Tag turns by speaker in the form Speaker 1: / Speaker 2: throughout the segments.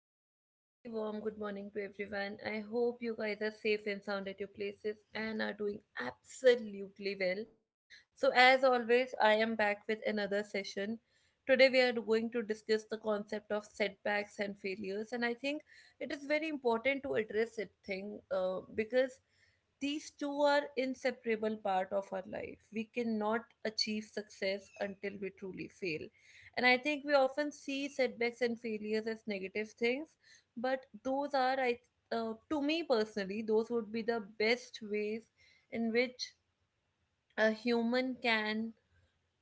Speaker 1: and very, very warm good morning to everyone. I hope you guys are safe and sound at your places and are doing absolutely well. So, as always, I am back with another session. Today, we are going to discuss the concept of setbacks and failures, and I think it is very important to address it thing because these two are inseparable part of our life. We cannot achieve success until we truly fail, and I think we often see setbacks and failures as negative things, but those are, to me personally, those would be the best ways in which a human can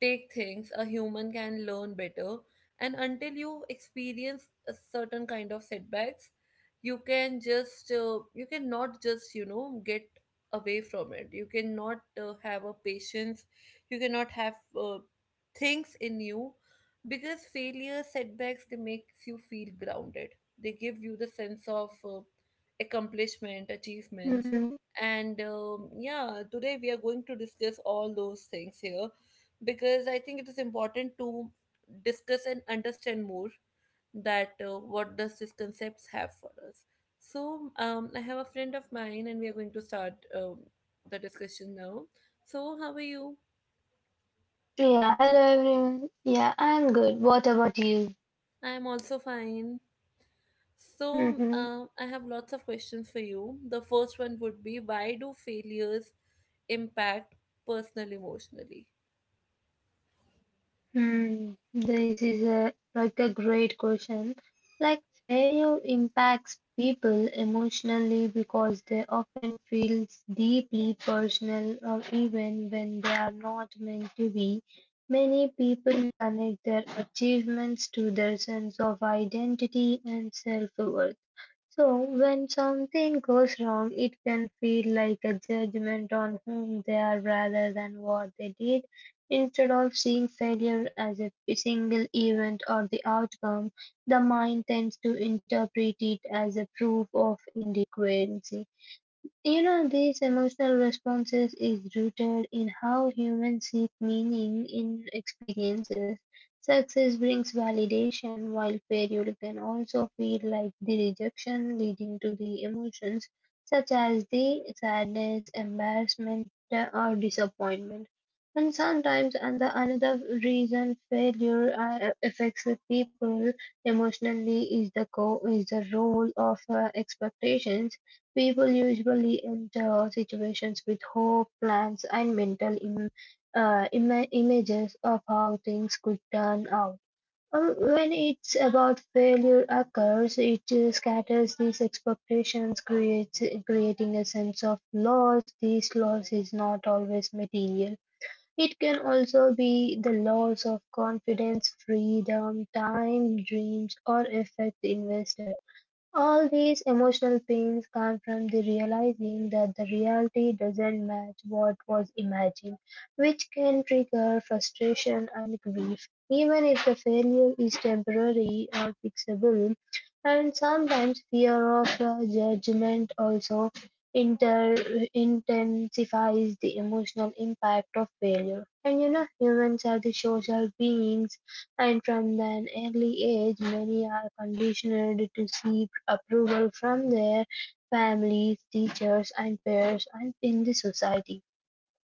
Speaker 1: take things, a human can learn better. And until you experience a certain kind of setbacks, you can just you cannot just get away from it. You cannot have a patience, you cannot have things in you, because failure setbacks they makes you feel grounded, they give you the sense of accomplishment, achievements.
Speaker 2: Mm-hmm.
Speaker 1: And yeah, today we are going to discuss all those things here, because I think it is important to discuss and understand more that what does these concepts have for us. So I have a friend of mine, and we are going to start the discussion now. So how are you?
Speaker 2: Yeah, hello everyone. Yeah, I'm good. What about you?
Speaker 1: I am also fine. So
Speaker 2: Mm-hmm.
Speaker 1: I have lots of questions for you. The first one would be, why do failures impact personal emotionally?
Speaker 2: Hmm. This is a like a great question. Like, failure impacts people emotionally because they often feels deeply personal or even when they are not meant to be. Many people connect their achievements to their sense of identity and self-worth. So, when something goes wrong, it can feel like a judgment on whom they are rather than what they did. Instead of seeing failure as a single event or the outcome, the mind tends to interpret it as a proof of inadequacy. You know, these emotional responses is rooted in how humans seek meaning in experiences. Success brings validation, while failure can also feel like the rejection, leading to the emotions such as the sadness, embarrassment, or disappointment. And sometimes, and the another reason failure affects the people emotionally is the role of expectations. People usually enter situations with hope, plans, and mental images of how things could turn out. When it's about failure occurs, it scatters these expectations, creates creating a sense of loss. This loss is not always material. It can also be the loss of confidence, freedom, time, dreams, or effect invested. All these emotional pains come from the realizing that the reality doesn't match what was imagined, which can trigger frustration and grief, even if the failure is temporary or fixable. And sometimes fear of judgment also inter- intensifies the emotional impact of failure. And you know, humans are the social beings and from an early age many are conditioned to seek approval from their families, teachers and peers and in the society.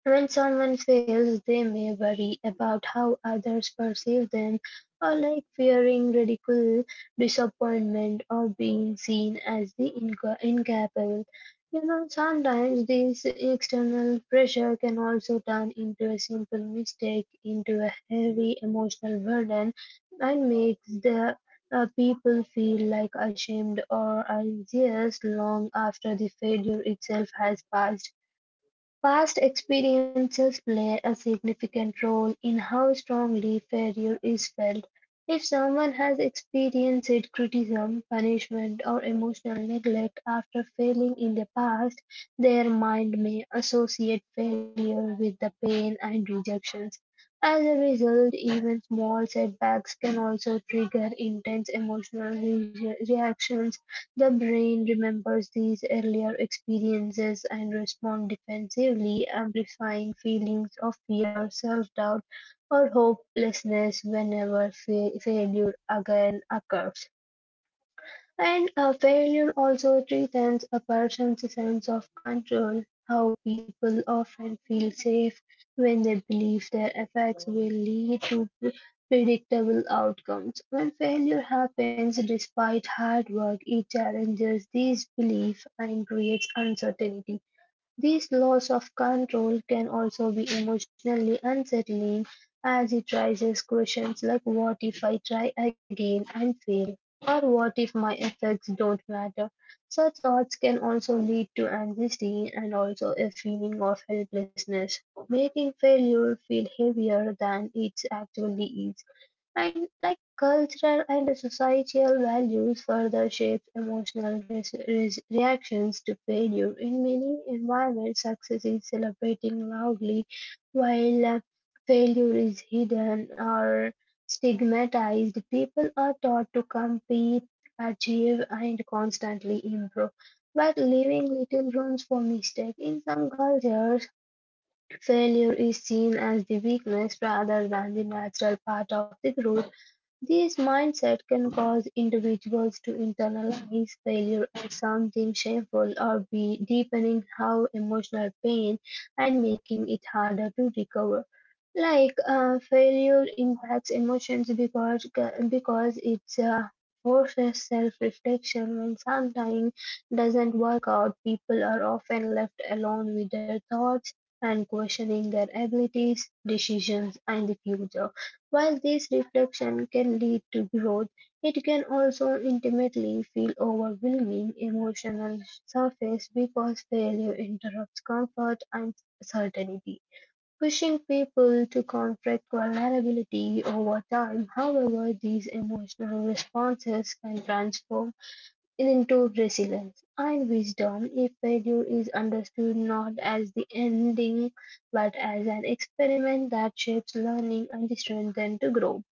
Speaker 2: When someone fails, they may worry about how others perceive them, or like fearing ridicule, disappointment, or being seen as the incapable. You know, sometimes this external pressure can also turn into a simple mistake, into a heavy emotional burden, and makes the people feel like ashamed or anxious long after the failure itself has passed. Past experiences play a significant role in how strongly failure is felt. If someone has experienced criticism, punishment, or emotional neglect after failing in the past, their mind may associate failure with the pain and rejections. As a result, even small setbacks can also trigger intense emotional reactions. The brain remembers these earlier experiences and responds defensively, amplifying feelings of fear, self-doubt, or hopelessness whenever failure again occurs. And a failure also threatens a person's sense of control. How people often feel safe when they believe their efforts will lead to predictable outcomes. When failure happens despite hard work, it challenges these beliefs and creates uncertainty. This loss of control can also be emotionally unsettling, as it raises questions like what if I try again and fail, or what if my efforts don't matter. Such thoughts can also lead to anxiety and also a feeling of helplessness, making failure feel heavier than it actually is. And like, cultural and societal values further shapes emotional reactions to failure. In many environments success is celebrated loudly, while failure is hidden or stigmatized. People are taught to compete, achieve and constantly improve, but leaving little room for mistake. In some cultures failure is seen as the weakness rather than the natural part of the growth. This mindset can cause individuals to internalize failure as something shameful or be deepening how emotional pain, and making it harder to recover. Like failure impacts emotions because it forces self-reflection. When something doesn't work out, people are often left alone with their thoughts and questioning their abilities, decisions, and the future. While this reflection can lead to growth, it can also intimately feel overwhelming emotional surface, because failure interrupts comfort and certainty, pushing people to confront vulnerability over time. However, these emotional responses can transform into resilience and wisdom if failure is understood not as the ending but as an experiment that shapes learning and the strength to grow.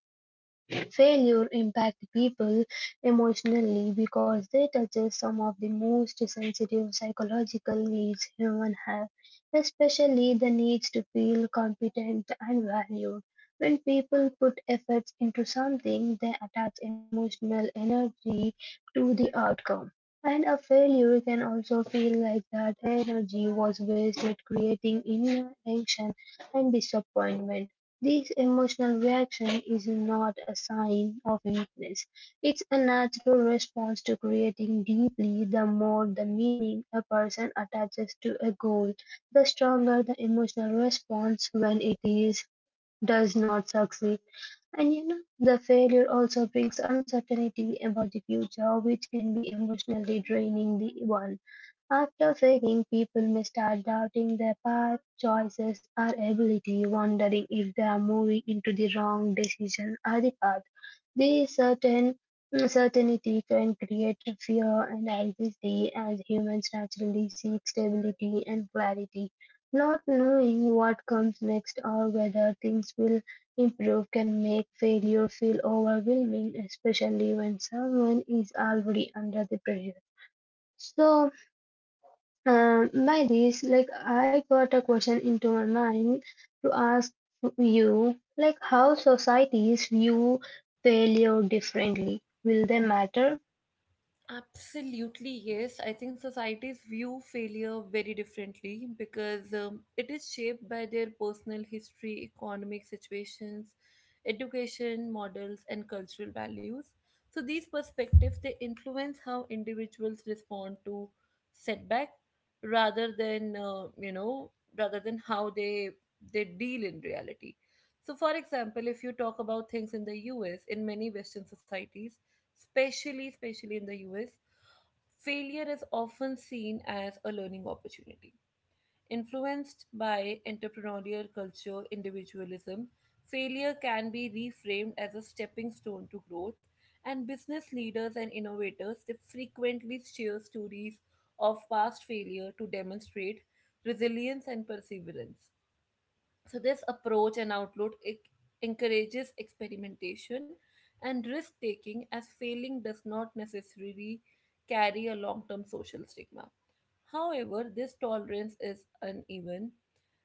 Speaker 2: Failure impacts people emotionally because they touches some of the most sensitive psychological needs humans have, especially the needs to feel competent and valued. When people put efforts into something, they attach emotional energy to the outcome. And a failure can also feel like that energy was wasted, creating inner tension and disappointment. This emotional reaction is not a sign of weakness, it's a natural response to creating deeply. The more the meaning a person attaches to a goal, the stronger the emotional response when it is does not succeed. And you know, the failure also brings uncertainty about the future, which can be emotionally draining the one. After failing, people may start doubting their path, choices, or ability, wondering if they are moving into the wrong decision or the path. This certainty can create fear and anxiety, as humans naturally seek stability and clarity. Not knowing what comes next or whether things will improve can make failure feel overwhelming, especially when someone is already under the pressure. So, by this, like, I got a question into my mind to ask you, like, how societies view failure differently. Will they matter?
Speaker 1: Absolutely, yes. I think societies view failure very differently because it is shaped by their personal history, economic situations, education models, and cultural values. So these perspectives they influence how individuals respond to setback, rather than rather than how they deal in reality. So, for example, if you talk about things in the US, in many Western societies, especially in the US, failure is often seen as a learning opportunity. Influenced by entrepreneurial culture, individualism, failure can be reframed as a stepping stone to growth, and business leaders and innovators they frequently share stories of past failure to demonstrate resilience and perseverance. So this approach and outlook it encourages experimentation and risk taking, as failing does not necessarily carry a long-term social stigma. However, this tolerance is uneven,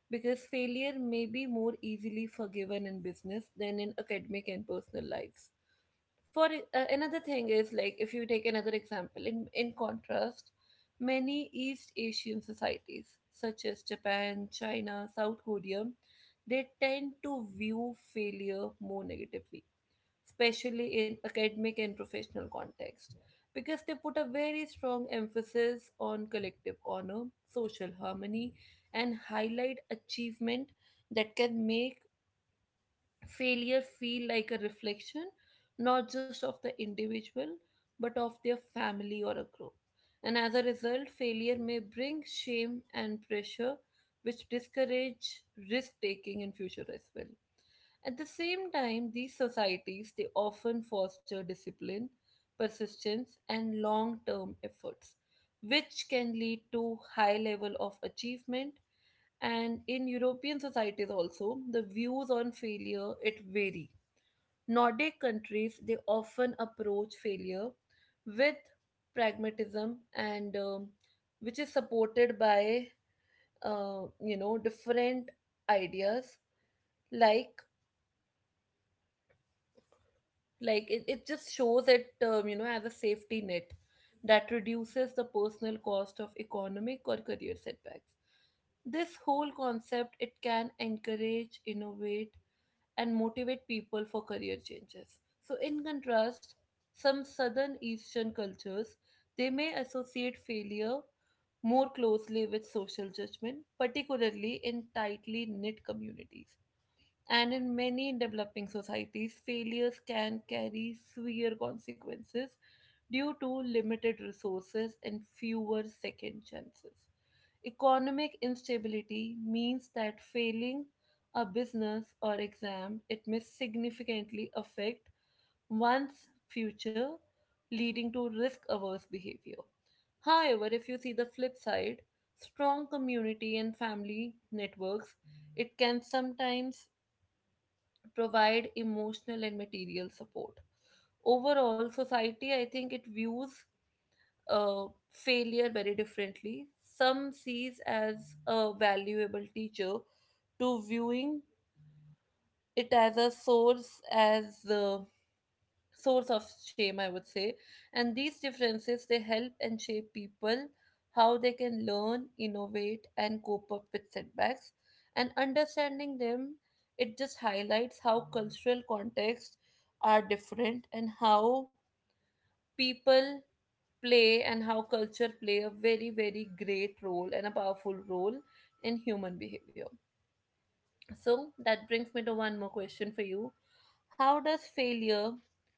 Speaker 1: because failure may be more easily forgiven in business than in academic and personal lives. For Another thing is, like, if you take another example, in contrast, many East Asian societies such as Japan, China, South Korea, they tend to view failure more negatively, especially in academic and professional context, because they put a very strong emphasis on collective honor, social harmony, and highlight achievement that can make failure feel like a reflection not just of the individual but of their family or a group. And as a result, failure may bring shame and pressure, which discourage risk taking in future as well. At the same time, these societies they often foster discipline, persistence, and long term efforts, which can lead to high level of achievement. And in European societies also, the views on failure it vary. Nordic countries they often approach failure with pragmatism and which is supported by different ideas, like like it just shows it, as a safety net that reduces the personal cost of economic or career setbacks. This whole concept it can encourage innovate and motivate people for career changes. So, in contrast, some southern eastern cultures they may associate failure more closely with social judgment, particularly in tightly knit communities. And in many developing societies, failures can carry severe consequences due to limited resources and fewer second chances. Economic instability means that failing a business or exam, it may significantly affect one's future, leading to risk averse behavior. However, if you see the flip side, strong community and family networks, it can sometimes provide emotional and material support. Overall, society, I think it views failure very differently. Some sees as a valuable teacher to viewing it as a source, as the source of shame, I would say. And these differences they help and shape people how they can learn, innovate, and cope up with setbacks. And understanding them, it just highlights how cultural contexts are different and how people play and how culture play a very great role and a powerful role in human behavior. So that brings me to one more question for you. How does failure
Speaker 2: Yeah.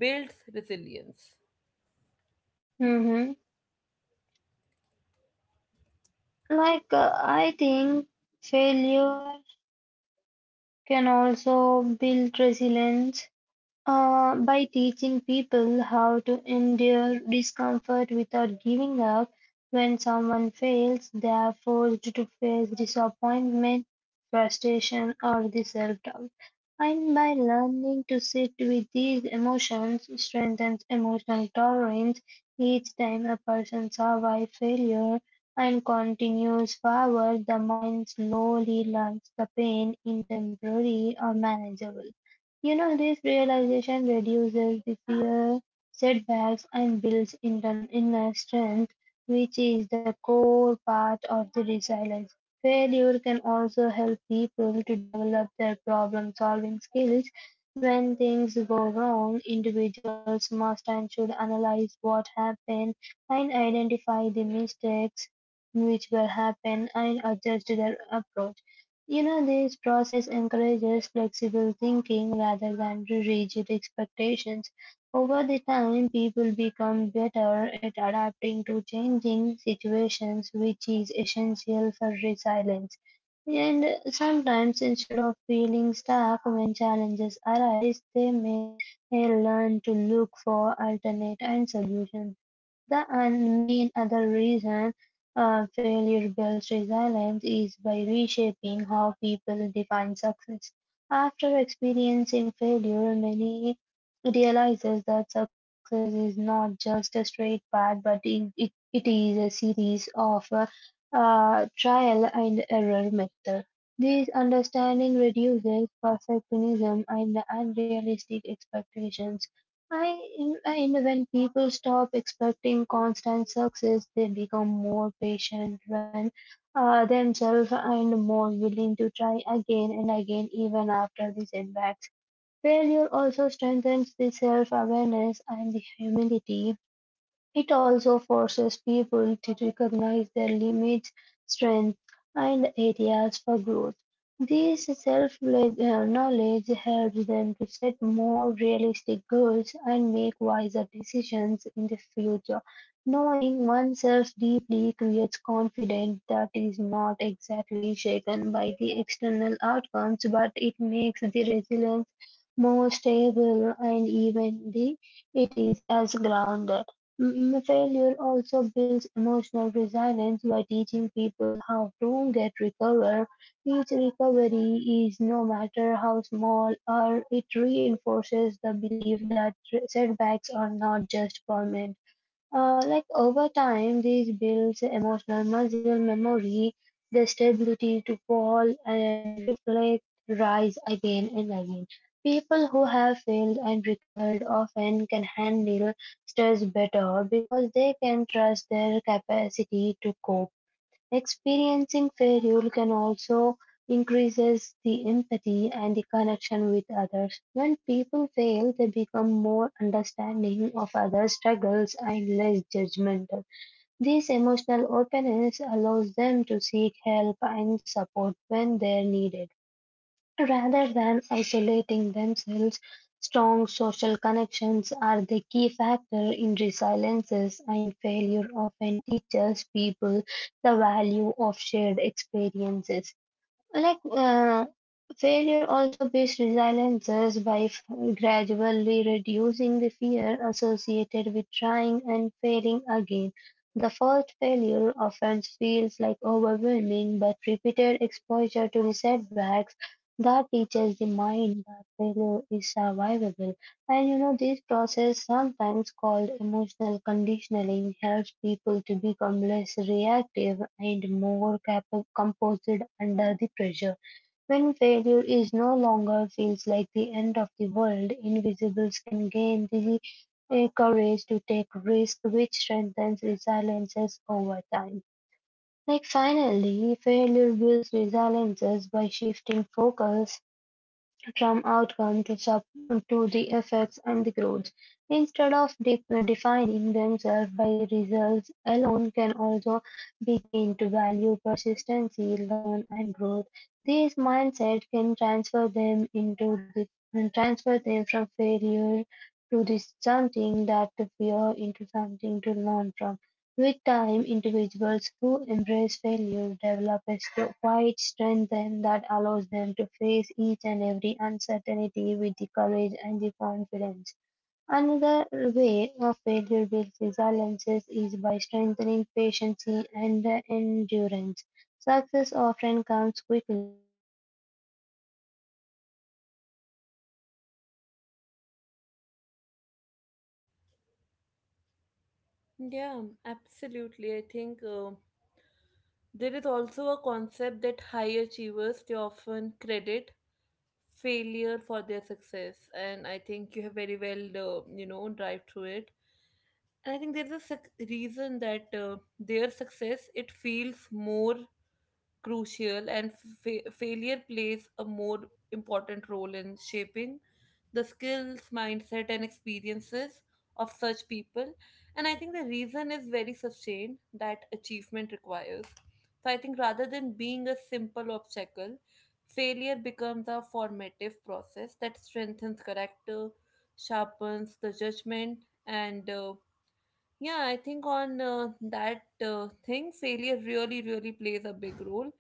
Speaker 1: build resilience?
Speaker 2: Mm-hmm. Like I think failure can also build resilience. By teaching people how to endure discomfort without giving up. When someone fails, they are forced to face disappointment, frustration, or the self doubt. And by learning to sit with these emotions, strengthens emotional tolerance. Each time a person survives failure and continues forward, the mind slowly learns the pain in temporary or manageable. You know, this realization reduces the fear, setbacks, and builds inner strength, which is the core part of the resilience. Failure can also help people to develop their problem solving skills. When things go wrong, individuals must and should analyze what happened and identify the mistakes which will happen and adjust their approach. You know, this process encourages flexible thinking rather than rigid expectations. Over the time, people become better at adapting to changing situations, which is essential for resilience. And sometimes, instead of feeling stuck when challenges arise, they may learn to look for alternate and solutions. The and main other reason failure builds resilience is by reshaping how people define success. After experiencing failure, many realizes that success is not just a straight path, but it is a series of trial and error method. This understanding reduces perfectionism and unrealistic expectations. I, and when people stop expecting constant success, they become more patient when themselves and more willing to try again and again, even after the setbacks. Failure also strengthens the self awareness and the humility. It also forces people to recognize their limits, strengths, and areas for growth. This self-knowledge helps them to set more realistic goals and make wiser decisions in the future. Knowing oneself deeply creates confidence that is not exactly shaken by the external outcomes, but it makes the resilience more stable and even the it is as grounded. Failure also builds emotional resilience by teaching people how to get recover. Each recovery is no matter how small or it reinforces the belief that setbacks are not just permanent. Like over time, these builds emotional muscle memory, the stability to fall and reflect, rise again and again. People who have failed and recovered often can handle stress better because they can trust their capacity to cope. Experiencing failure can also increases the empathy and the connection with others. When people fail, they become more understanding of others' struggles and less judgmental. This emotional openness allows them to seek help and support when they're needed. Rather than isolating themselves, strong social connections are the key factor in resiliences, and failure often teaches people the value of shared experiences. Like failure also builds resiliences by gradually reducing the fear associated with trying and failing again. The first failure often feels like overwhelming, but repeated exposure to the setbacks that teaches the mind that failure is survivable. And you know, this process, sometimes called emotional conditioning, helps people to become less reactive and more composed under the pressure. When failure is no longer feels like the end of the world, invisibles can gain the courage to take risk, which strengthens resiliences over time. Like finally, failure builds resiliences by shifting focus from outcome to, to the effects and the growth. Instead of defining themselves by results alone, can also begin to value persistency, learn, and growth. This mindset can transfer them into the and transfer them from failure to the something that to fear into something to learn from. With time, individuals who embrace failure develop a quiet strength then that allows them to face each and every uncertainty with the courage and the confidence. Another way of failure builds resiliences is by strengthening patience and endurance. Success often comes quickly in quickly. Hello, please continue.
Speaker 1: Yeah, absolutely, I think there is also a concept that high achievers they often credit failure for their success, and I think you have very well drive through it. And I think there's a reason that their success it feels more crucial, and
Speaker 2: Mhm.
Speaker 1: failure plays a more important role in shaping the skills, mindset, and experiences of such people. And I think the reason is very sustained, that achievement requires. So I think rather than being a simple obstacle, failure becomes a formative process that strengthens character, sharpens the judgment, and yeah, I think on that thing, failure really, really plays a big role.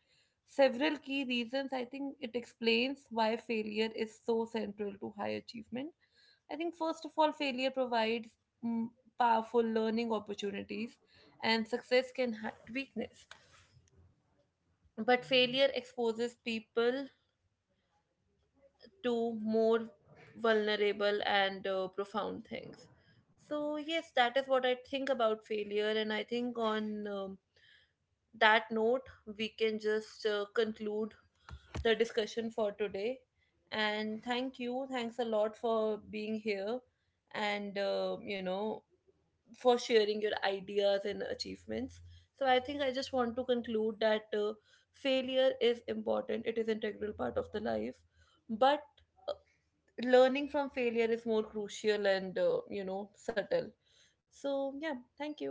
Speaker 1: Several key reasons I think it explains why failure is so central to high achievement. I think, first of all, failure provides mm, powerful learning opportunities, and success can hide weakness. But failure exposes people to more vulnerable and profound things. So, yes, that is what I think about failure. And I think on. That note, we can just conclude the discussion for today. And thank you. Thanks a lot for being here and, for sharing your ideas and achievements. So I think I just want to conclude that failure is important, it is integral part of the life. But uh, learning from failure is more crucial and, subtle. So, yeah, thank you.